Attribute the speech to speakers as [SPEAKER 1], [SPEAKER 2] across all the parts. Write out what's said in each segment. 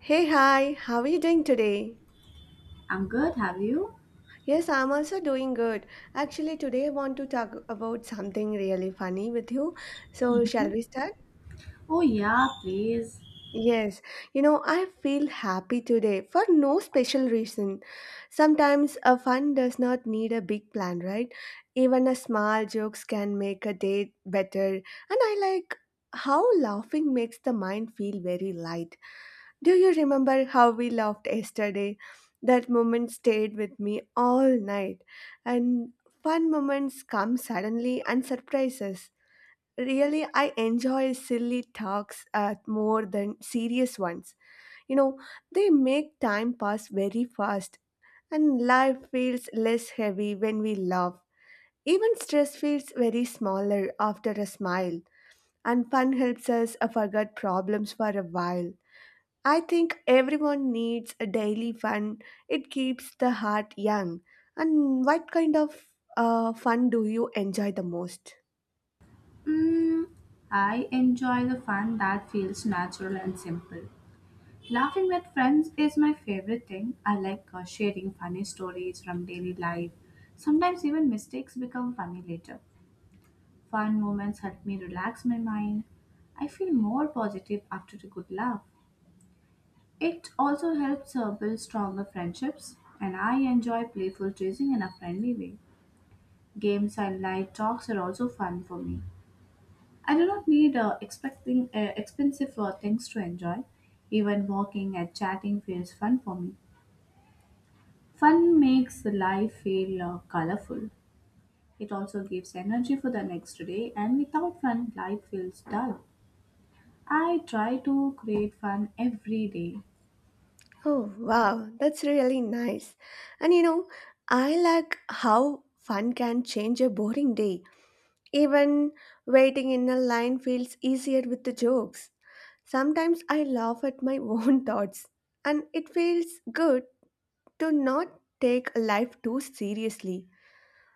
[SPEAKER 1] Hey, hi, how are you doing today?
[SPEAKER 2] I'm good, have you?
[SPEAKER 1] Yes, I'm also doing good. Actually, today I want to talk about something really funny with you. So, shall
[SPEAKER 2] Mhm.
[SPEAKER 1] we start?
[SPEAKER 2] Oh, yeah, please.
[SPEAKER 1] Yes, you know, I feel happy today for no special reason. Sometimes a fun does not need a big plan, right? Even a small jokes can make a day better. And I like how laughing makes the mind feel very light. Do you remember how we laughed yesterday? That moment stayed with me all night. And fun moments come suddenly and surprises. Really, I enjoy silly talks more than serious ones. You know, they make time pass very fast, and life feels less heavy when we laugh. Even stress feels very smaller after a smile, and fun helps us forget problems for a while. I think everyone needs a daily fun. It keeps the heart young. And what kind of fun do you enjoy the most?
[SPEAKER 2] Mm, I enjoy the fun that feels natural and simple. Laughing with friends is my favorite thing. I like sharing funny stories from daily life. Sometimes even mistakes become funny later. Fun moments help me relax my mind. I feel more positive after a good laugh. It also helps build stronger friendships, and I enjoy playful teasing in a friendly way. Games and light talks are also fun for me. I do not need expecting expensive things to enjoy. Even walking and chatting feels fun for me. Fun makes the life feel colorful. It also gives energy for the next day, and without fun, life feels dull. I try to create fun every day.
[SPEAKER 1] Oh, wow, that's really nice. And you know, I like how fun can change a boring day. Even waiting in a line feels easier with the jokes. Sometimes I laugh at my own thoughts, and it feels good to not take life too seriously.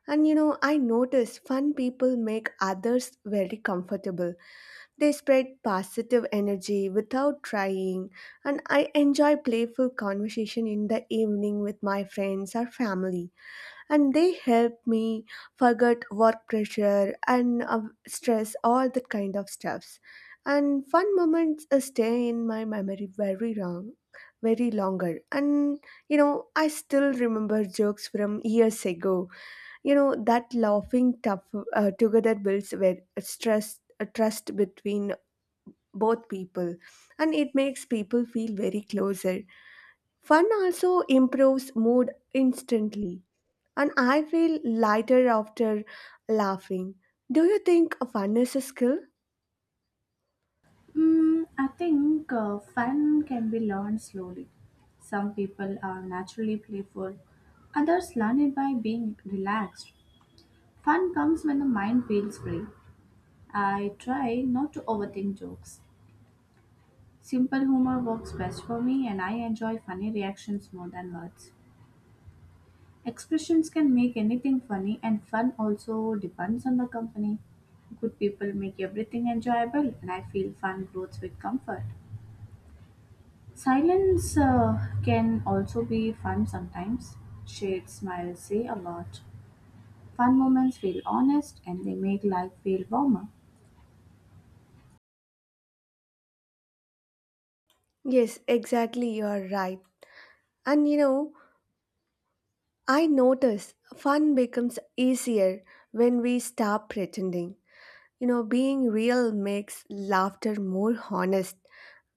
[SPEAKER 1] And you know, I notice fun people make others very comfortable. They spread positive energy without trying, and I enjoy playful conversation in the evening with my friends or family. And they help me forget work pressure and stress, all that kind of stuffs. And fun moments stay in my memory very long, very longer. And you know, I still remember jokes from years ago you know, that laughing tough, together builds where stress, a trust between both people and it makes people feel very closer. Fun also improves mood instantly and I feel lighter after laughing. Do you think fun is a skill?
[SPEAKER 2] I think fun can be learned slowly. Some people are naturally playful, others learn it by being relaxed. Fun comes when the mind feels free. I try not to overthink jokes. Simple humor works best for me, and I enjoy funny reactions more than words. Expressions can make anything funny, and fun also depends on the company. Good people make everything enjoyable, and I feel fun grows with comfort. Silence can also be fun sometimes. Shared smiles say a lot. Fun moments feel honest and they make life feel warmer.
[SPEAKER 1] Yes, exactly, you are right. And you know, I notice fun becomes easier when we stop pretending. You know, being real makes laughter more honest.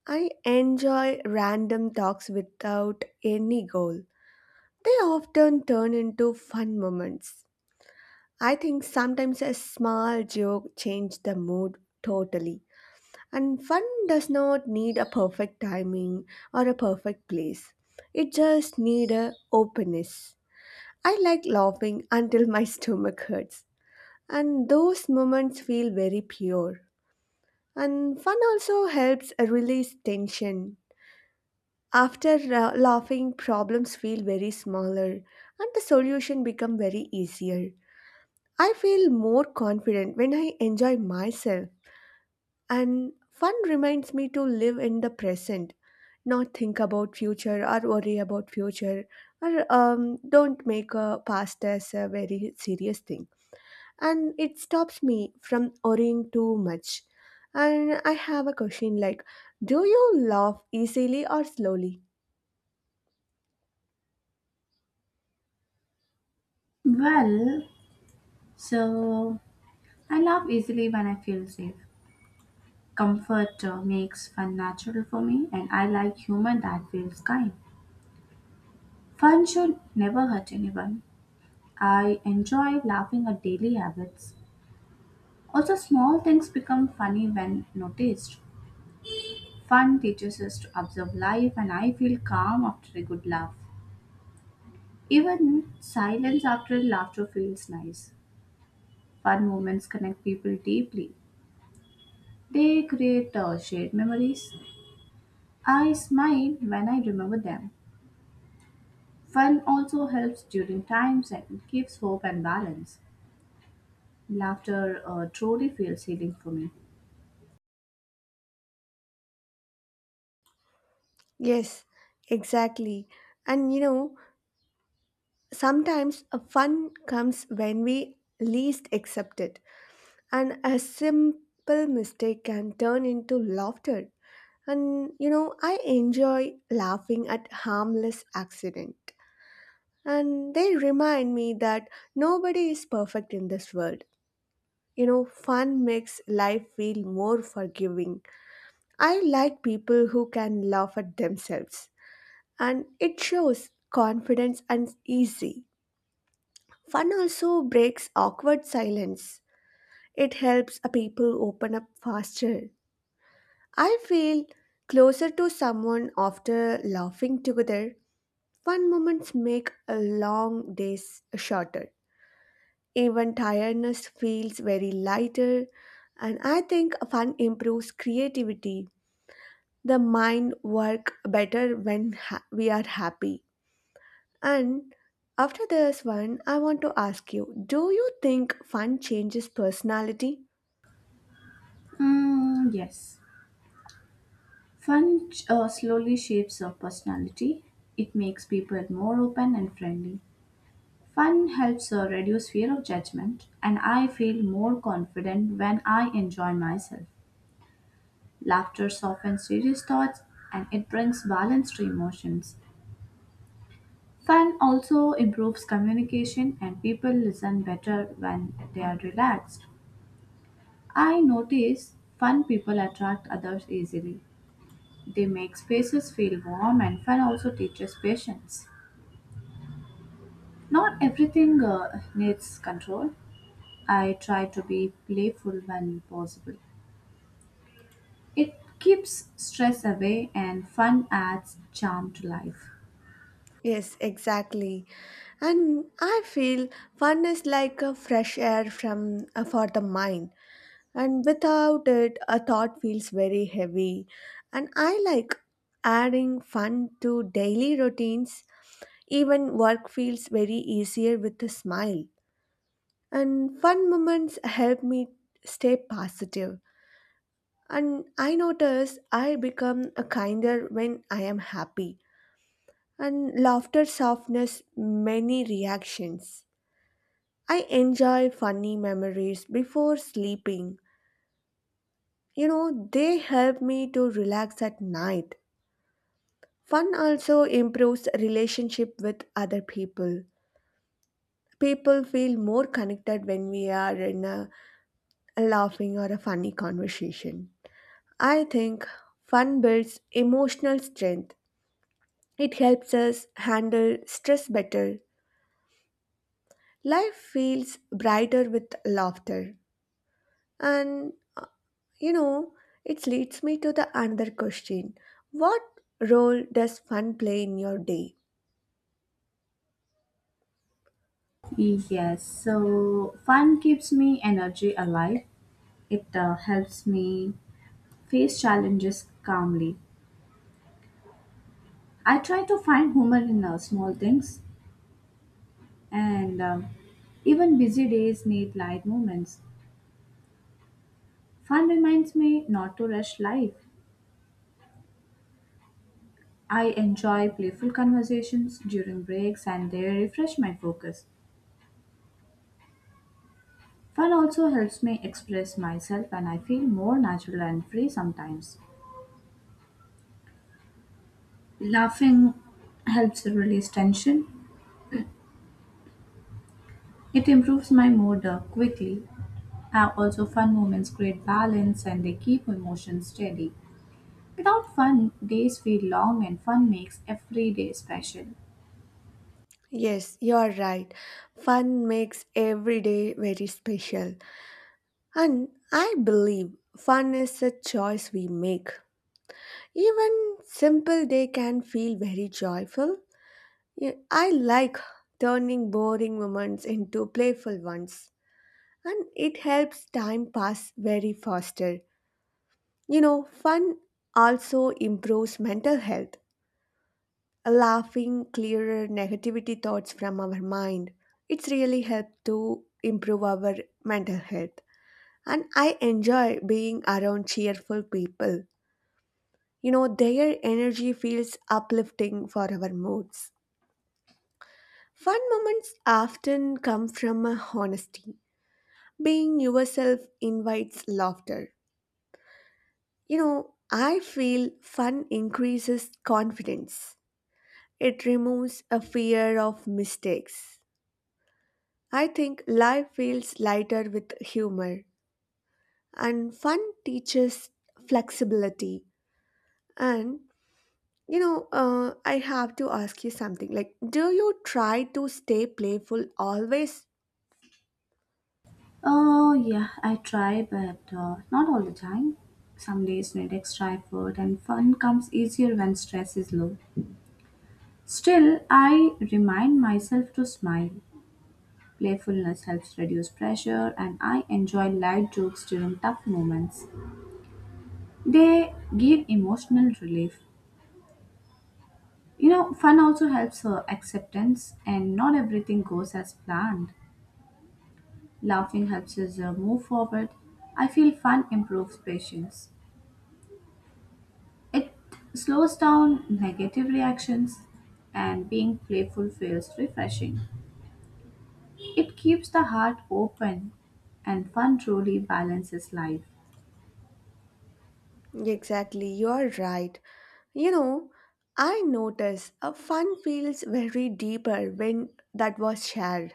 [SPEAKER 1] I enjoy random talks without any goal. They often turn into fun moments. I think sometimes a small joke changes the mood totally. And fun does not need a perfect timing or a perfect place. It just needs a openness. I like laughing until my stomach hurts. And those moments feel very pure. And fun also helps release tension. After laughing, problems feel very smaller and the solution become very easier. I feel more confident when I enjoy myself and fun reminds me to live in the present, not think about future or worry about future or don't make a past as a very serious thing. And it stops me from worrying too much. And I have a question like, do you laugh easily or slowly?
[SPEAKER 2] Well, So I laugh easily when I feel safe. Comfort makes fun natural for me, and I like humor that feels kind. Fun should never hurt anyone. I enjoy laughing at daily habits. Also, small things become funny when noticed. Fun teaches us to observe life, and I feel calm after a good laugh. Even silence after laughter feels nice. Fun moments connect people deeply. They create shared memories. I smile when I remember them. Fun also helps during times and gives hope and balance. Laughter truly feels healing for me.
[SPEAKER 1] Yes, exactly. And you know, sometimes a fun comes when we least accept it, and a simple mistake can turn into laughter. And you know, I enjoy laughing at harmless accident. And they remind me that nobody is perfect in this world. You know, fun makes life feel more forgiving. I like people who can laugh at themselves, and it shows confidence and easy. Fun also breaks awkward silence. It helps a people open up faster. I feel closer to someone after laughing together. Fun moments make a long days shorter. Even tiredness feels very lighter and I think fun improves creativity. The mind work better when we are happy. And after this one, I want to ask you, do you think fun changes personality?
[SPEAKER 2] Yes. Fun slowly shapes our personality. It makes people more open and friendly. Fun helps reduce fear of judgment, and I feel more confident when I enjoy myself. Laughter softens serious thoughts and it brings balance to emotions. Fun also improves communication and people listen better when they are relaxed. I notice fun people attract others easily. They make spaces feel warm and fun also teaches patience. Not everything needs control. I try to be playful when possible. It keeps stress away and fun adds charm to life.
[SPEAKER 1] Yes, exactly. And I feel fun is like a fresh air from for the mind. And without it, a thought feels very heavy. And I like adding fun to daily routines. Even work feels very easier with a smile. And fun moments help me stay positive. And I notice I become a kinder when I am happy, and laughter softens many reactions. I enjoy funny memories before sleeping. You know, they help me to relax at night. Fun also improves relationship with other people. People feel more connected when we are in a laughing or a funny conversation. I think fun builds emotional strength. It helps us handle stress better. Life feels brighter with laughter. And you know, it leads me to the another question. What role does fun play in your day?
[SPEAKER 2] Yes, so fun keeps me energy alive. It helps me face challenges calmly. I try to find humor in small things, and even busy days need light moments. Fun reminds me not to rush life. I enjoy playful conversations during breaks, and they refresh my focus. Fun also helps me express myself, and I feel more natural and free sometimes. Laughing helps release tension. It improves my mood quickly. Also, fun moments create balance and they keep emotions steady. Without fun, days feel long and fun makes every day special.
[SPEAKER 1] Yes, you are right. Fun makes every day very special. And I believe fun is a choice we make. Even simple day can feel very joyful. Yeah, I like turning boring moments into playful ones, and it helps time pass very faster. You know, fun also improves mental health, laughing clearer negativity thoughts from our mind. It's really helped to improve our mental health. And I enjoy being around cheerful people. You know, their energy feels uplifting for our moods. Fun moments often come from a honesty. Being yourself invites laughter. You know, I feel fun increases confidence. It removes a fear of mistakes. I think life feels lighter with humor. And fun teaches flexibility. And, you know, I have to ask you something. Like, do you try to stay playful always?
[SPEAKER 2] Oh, yeah, I try, but not all the time. Some days need extra effort, and fun comes easier when stress is low. Still, I remind myself to smile. Playfulness helps reduce pressure, and I enjoy light jokes during tough moments. They give emotional relief. You know, fun also helps her acceptance, and not everything goes as planned. Laughing helps us move forward. I feel fun improves patience. It slows down negative reactions, and being playful feels refreshing. It keeps the heart open, and fun truly balances life.
[SPEAKER 1] Exactly, you're right. You know, I notice a fun feels very deeper when that was shared.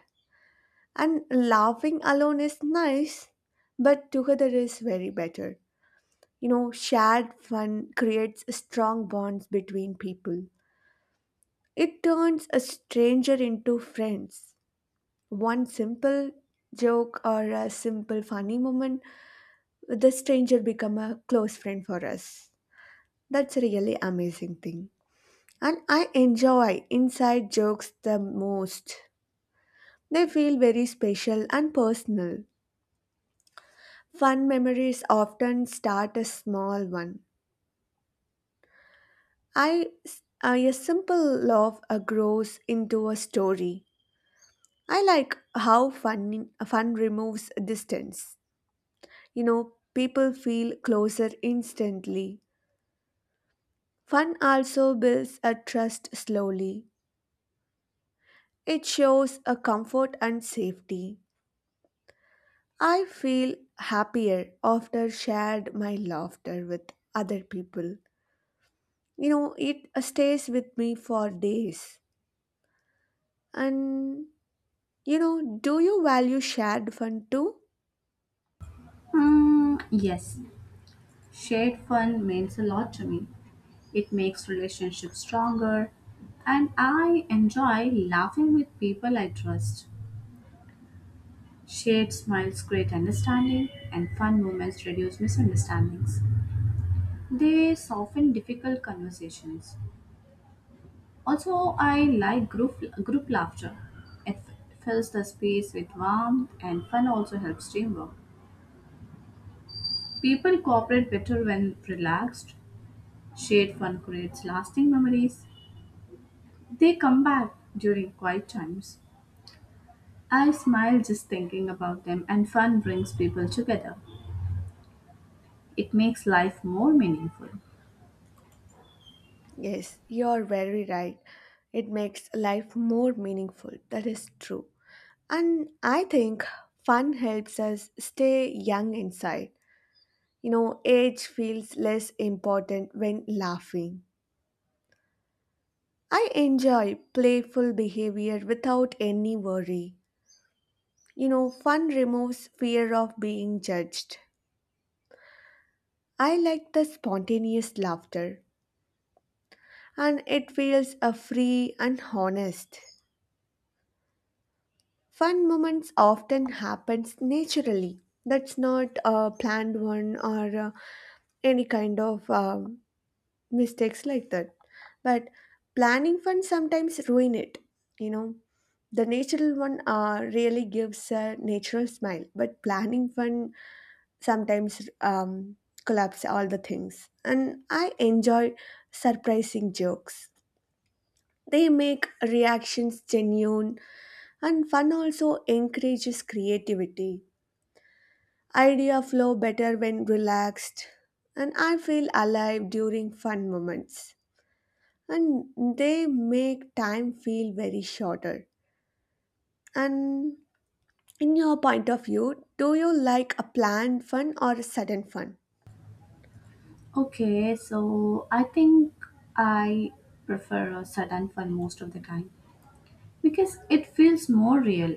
[SPEAKER 1] And laughing alone is nice, but together is very better. You know, shared fun creates strong bonds between people. It turns a stranger into friends. One simple joke or a simple funny moment, the stranger become a close friend for us. That's a really amazing thing, and I enjoy inside jokes the most. They feel very special and personal. Fun memories often start as small one. I a simple laugh grows into a story. I like how fun removes distance. You know, people feel closer instantly. Fun also builds a trust slowly. It shows a comfort and safety. I feel happier after shared my laughter with other people. You know, it stays with me for days. And you know, do you value shared fun too?
[SPEAKER 2] Hmm, yes. Shared fun means a lot to me. It makes relationships stronger, and I enjoy laughing with people I trust. Shared smiles create understanding, and fun moments reduce misunderstandings. They soften difficult conversations. Also, I like group laughter. It fills the space with warmth, and fun also helps teamwork. People cooperate better when relaxed. Shared fun creates lasting memories. They come back during quiet times. I smile just thinking about them, and fun brings people together. It makes life more meaningful.
[SPEAKER 1] Yes, you're very right. It makes life more meaningful. That is true. And I think fun helps us stay young inside. You know, age feels less important when laughing. I enjoy playful behavior without any worry. You know, fun removes fear of being judged. I like the spontaneous laughter, and it feels a free and honest. Fun moments often happens naturally. That's not a planned one or any kind of mistakes like that. But planning fun sometimes ruin it. You know, the natural one really gives a natural smile, but planning fun sometimes collapse all the things. And I enjoy surprising jokes. They make reactions genuine, and fun also encourages creativity. Idea flow better when relaxed, and I feel alive during fun moments, and they make time feel very shorter. And in your point of view, do you like a planned fun or a sudden fun?
[SPEAKER 2] Okay, so I think I prefer a sudden fun most of the time because it feels more real.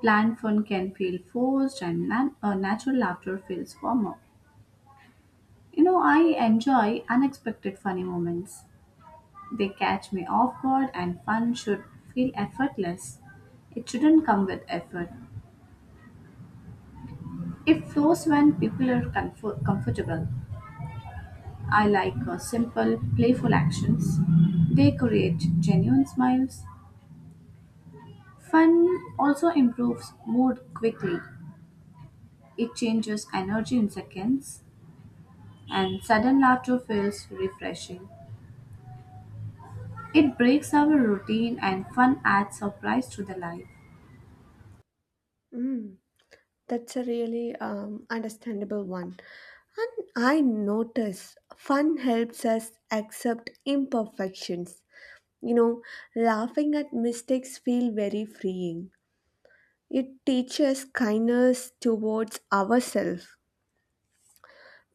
[SPEAKER 2] Planned fun can feel forced, and natural laughter feels warmer. You know, I enjoy unexpected funny moments. They catch me off guard, and fun should feel effortless. It shouldn't come with effort. It flows when people are comfortable. I like simple, playful actions. They create genuine smiles. Fun also improves mood quickly. It changes energy in seconds, and sudden laughter feels refreshing. It breaks our routine, and fun adds surprise to the life.
[SPEAKER 1] Hmm, that's a really understandable one. And I notice fun helps us accept imperfections. You know, laughing at mistakes feel very freeing. It teaches kindness towards ourselves.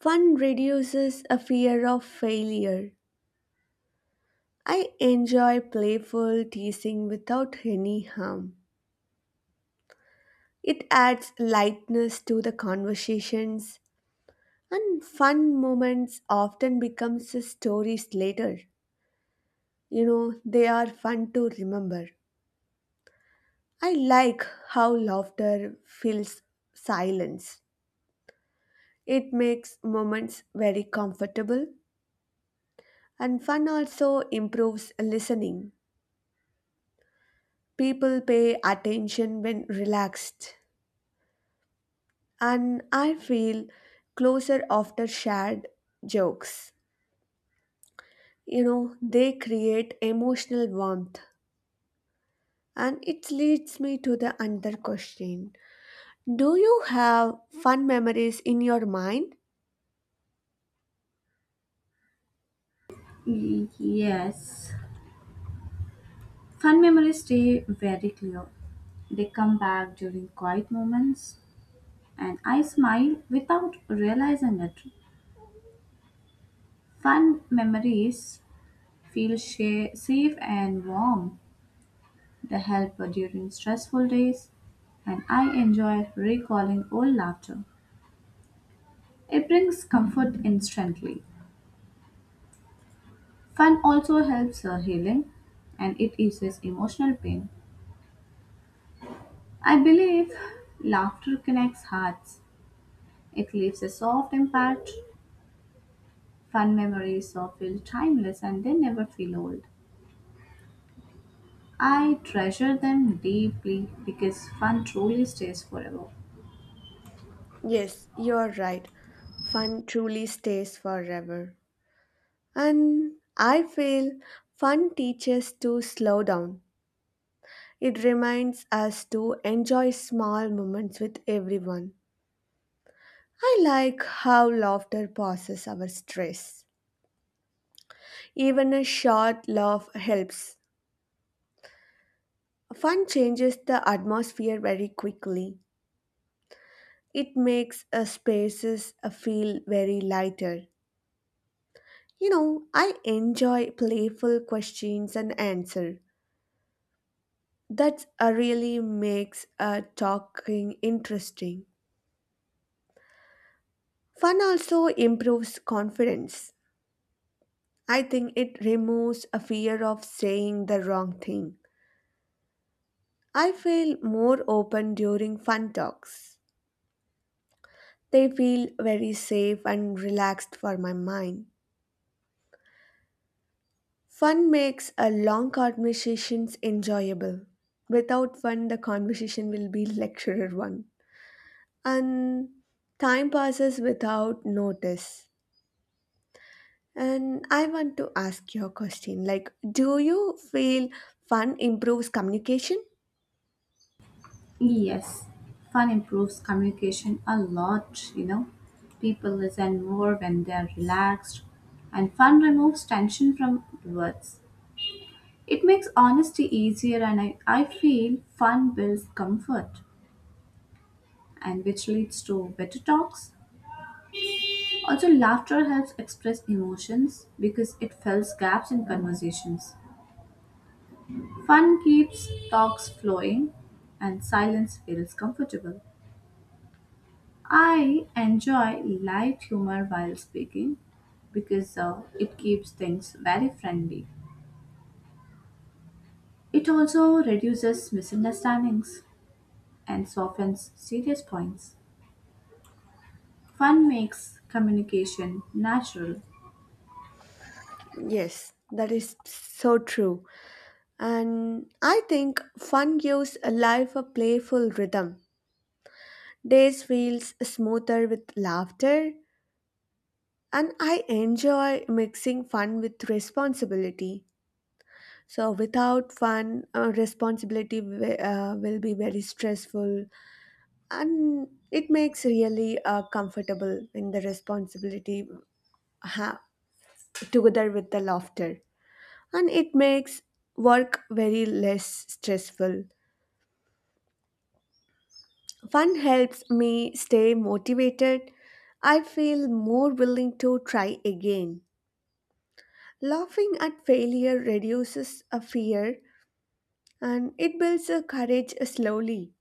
[SPEAKER 1] Fun reduces a fear of failure. I enjoy playful teasing without any harm. It adds lightness to the conversations, and fun moments often becomes stories later. You know, they are fun to remember. I like how laughter fills silence. It makes moments very comfortable, and fun also improves listening. People pay attention when relaxed, and I feel closer after shared jokes. You know, they create emotional warmth, and it leads me to the another question. Do you have fun memories in your mind?
[SPEAKER 2] Yes. Fun memories stay very clear. They come back during quiet moments, and I smile without realizing it. Fun memories feel safe and warm. They help during stressful days, and I enjoy recalling old laughter. It brings comfort instantly. Fun also helps healing and it eases emotional pain. I believe laughter connects hearts. It leaves a soft impact. Fun memories so feel timeless and they never feel old. I treasure them deeply because fun truly stays forever.
[SPEAKER 1] Yes, you're right. Fun truly stays forever. And I feel fun teaches to slow down. It reminds us to enjoy small moments with everyone. I like how laughter passes our stress. Even a short laugh helps. Fun changes the atmosphere very quickly. It makes a spaces feel very lighter. You know, I enjoy playful questions and answer. That really makes talking interesting. Fun also improves confidence. I think it removes a fear of saying the wrong thing. I feel more open during fun talks. They feel very safe and relaxed for my mind. Fun makes a long conversations enjoyable. Without fun, the conversation will be lecturer one. And time passes without notice. And I want to ask you a question like, do you feel fun improves communication?
[SPEAKER 2] Yes, fun improves communication a lot, you know. People listen more when they are relaxed, and fun removes tension from words. It makes honesty easier, and I feel fun builds comfort, and which leads to better talks. Also, laughter helps express emotions because it fills gaps in conversations. Fun keeps talks flowing and silence feels comfortable. I enjoy light humor while speaking because it keeps things very friendly. It also reduces misunderstandings and softens serious points. Fun makes communication natural.
[SPEAKER 1] Yes, that is so true. And I think fun gives life a playful rhythm. Days feels smoother with laughter, and I enjoy mixing fun with responsibility. So without fun, responsibility will be very stressful, and it makes really comfortable in the responsibility ha- together with the laughter, and it makes work very less stressful. Fun helps me stay motivated. I feel more willing to try again. Laughing at failure reduces a fear and it builds a courage slowly.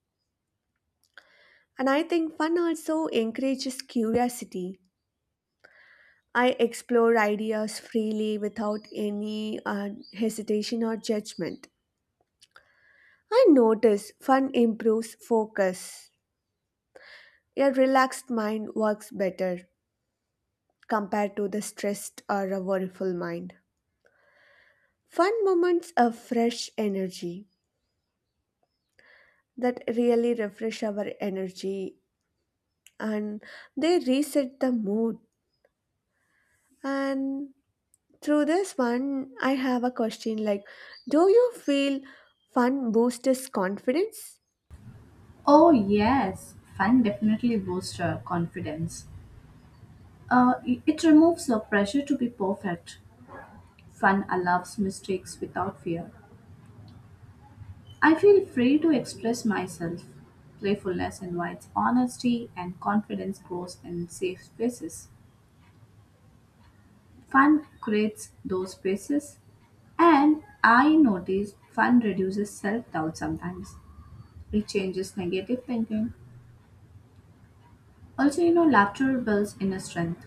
[SPEAKER 1] And I think fun also encourages curiosity. I explore ideas freely without any hesitation or judgment. I notice fun improves focus. A relaxed mind works better compared to the stressed or a worryful mind. Fun moments of fresh energy that really refresh our energy and they reset the mood. And through this one, I have a question like, do you feel fun boosts confidence?
[SPEAKER 2] Oh, yes, fun definitely boosts our confidence. It removes the pressure to be perfect. Fun allows mistakes without fear. I feel free to express myself. Playfulness invites honesty, and confidence grows in safe spaces. Fun creates those spaces, and I notice fun reduces self doubt sometimes. It changes negative thinking. Also, you know, laughter builds inner strength.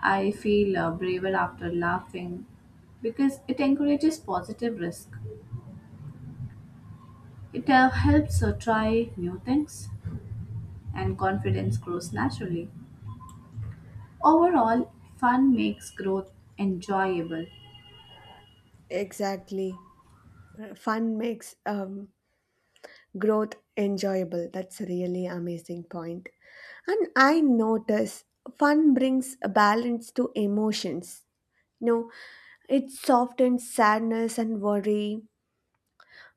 [SPEAKER 2] I feel braver after laughing because it encourages positive risk. It helps try new things and confidence grows naturally. Overall, fun makes growth enjoyable.
[SPEAKER 1] Exactly. Fun makes growth enjoyable. That's a really amazing point. And I notice fun brings a balance to emotions. You know, it softens sadness and worry.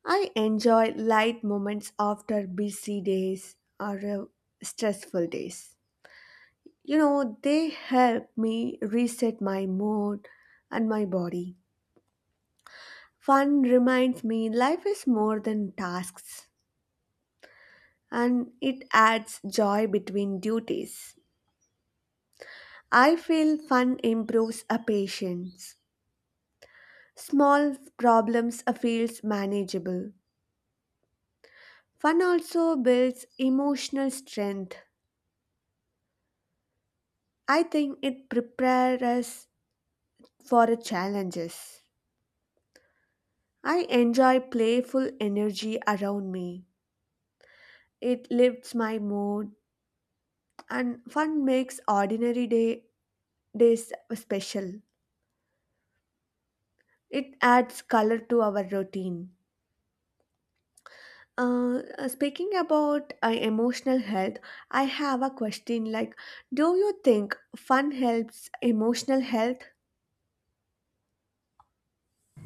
[SPEAKER 1] I enjoy light moments after busy days or stressful days. You know, they help me reset my mood and my body. Fun reminds me life is more than tasks and it adds joy between duties. I feel fun improves a patience. Small problems feels manageable. Fun also builds emotional strength. I think it prepares us for challenges. I enjoy playful energy around me. It lifts my mood and fun makes ordinary days special. It adds color to our routine. Speaking about emotional health, I have a question like, do you think fun helps emotional health?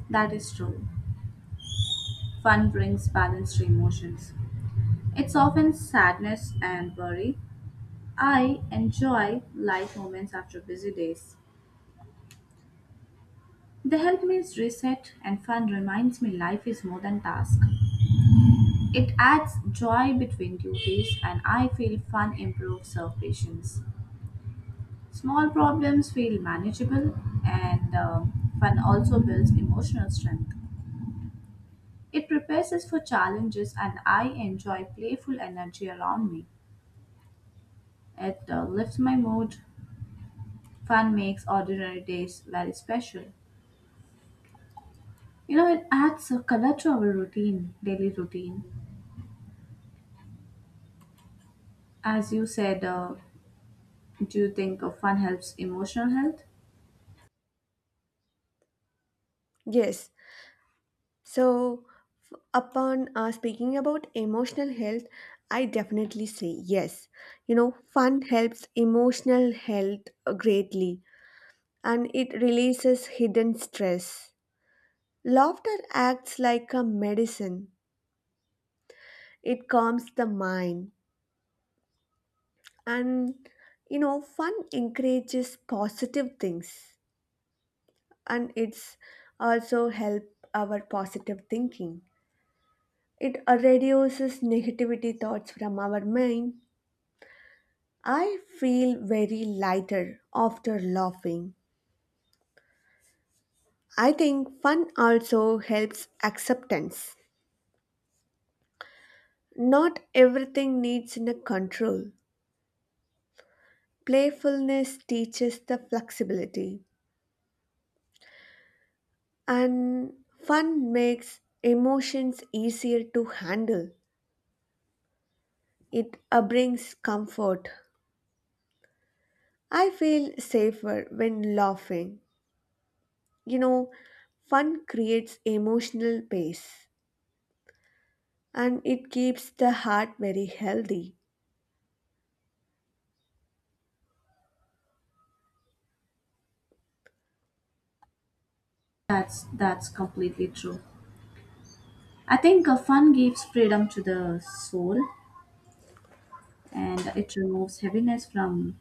[SPEAKER 2] That is true. Fun brings balance to emotions. It's often sadness and worry. I enjoy light moments after busy days. They help me reset and fun reminds me life is more than task. It adds joy between duties and I feel fun improves our patience. Small problems feel manageable, and fun also builds emotional strength. It prepares us for challenges, and I enjoy playful energy around me. It lifts my mood. Fun makes ordinary days very special. You know, it adds a color to our routine, daily routine. As you said, do you think fun helps emotional health?
[SPEAKER 1] Yes. So upon speaking about emotional health, I definitely say yes. You know, fun helps emotional health greatly, and it releases hidden stress. Laughter acts like a medicine. It calms the mind. And you know, fun encourages positive things, and it's also help our positive thinking. It reduces negativity thoughts from our mind. I feel very lighter after laughing. I think fun also helps acceptance. Not everything needs in a control. Playfulness teaches the flexibility, and fun makes emotions easier to handle. It brings comfort. I feel safer when laughing. You know, fun creates emotional pace and it keeps the heart very healthy.
[SPEAKER 2] That's completely true. I think fun gives freedom to the soul and it removes heaviness from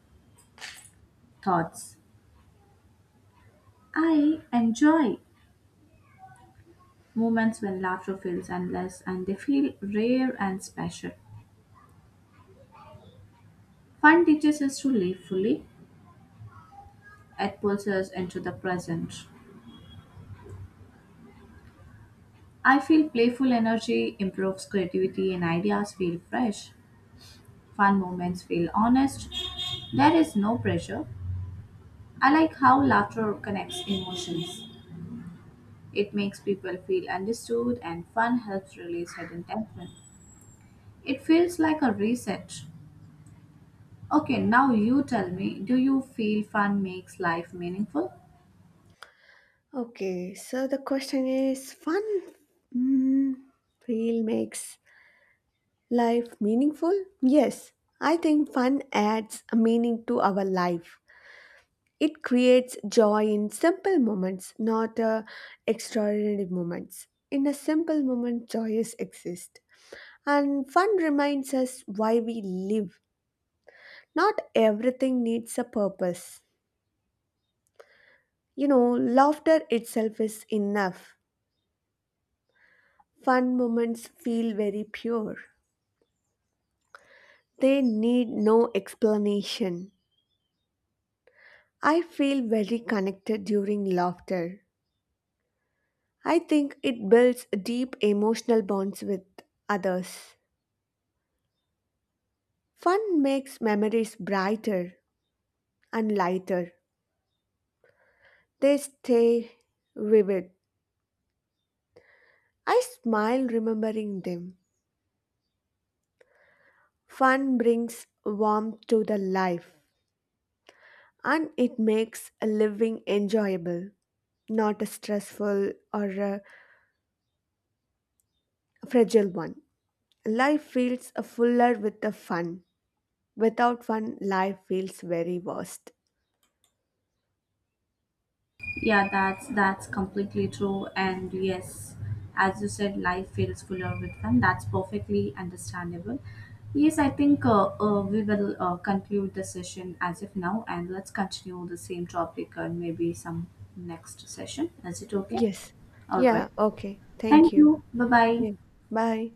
[SPEAKER 2] thoughts. I enjoy moments when laughter feels endless and they feel rare and special. Fun teaches us to live fully, it pulls us into the present. I feel playful energy improves creativity and ideas feel fresh. Fun moments feel honest. There is no pressure. I like how laughter connects emotions. It makes people feel understood and fun helps release hidden tension. It feels like a reset. Okay, now you tell me, do you feel fun makes life meaningful?
[SPEAKER 1] Okay, so the question is fun, mm, feel makes life meaningful? Yes, I think fun adds a meaning to our life. It creates joy in simple moments, not extraordinary moments. In a simple moment, joys exist. And fun reminds us why we live. Not everything needs a purpose. You know, laughter itself is enough. Fun moments feel very pure. They need no explanation. I feel very connected during laughter. I think it builds deep emotional bonds with others. Fun makes memories brighter and lighter. They stay vivid. I smile remembering them. Fun brings warmth to the life and it makes a living enjoyable, not a stressful or a fragile one. Life feels a fuller with the fun. Without fun, life feels very worst.
[SPEAKER 2] Yeah, that's completely true and yes, as you said life feels fuller with fun. That's perfectly understandable. Yes, I think we will conclude the session as of now and let's continue the same topic and maybe some next session. Is it okay?
[SPEAKER 1] Yes.
[SPEAKER 2] All right.
[SPEAKER 1] Yeah, okay. Thank
[SPEAKER 2] Thank
[SPEAKER 1] you.
[SPEAKER 2] you. Bye-bye.
[SPEAKER 1] Yeah. Bye.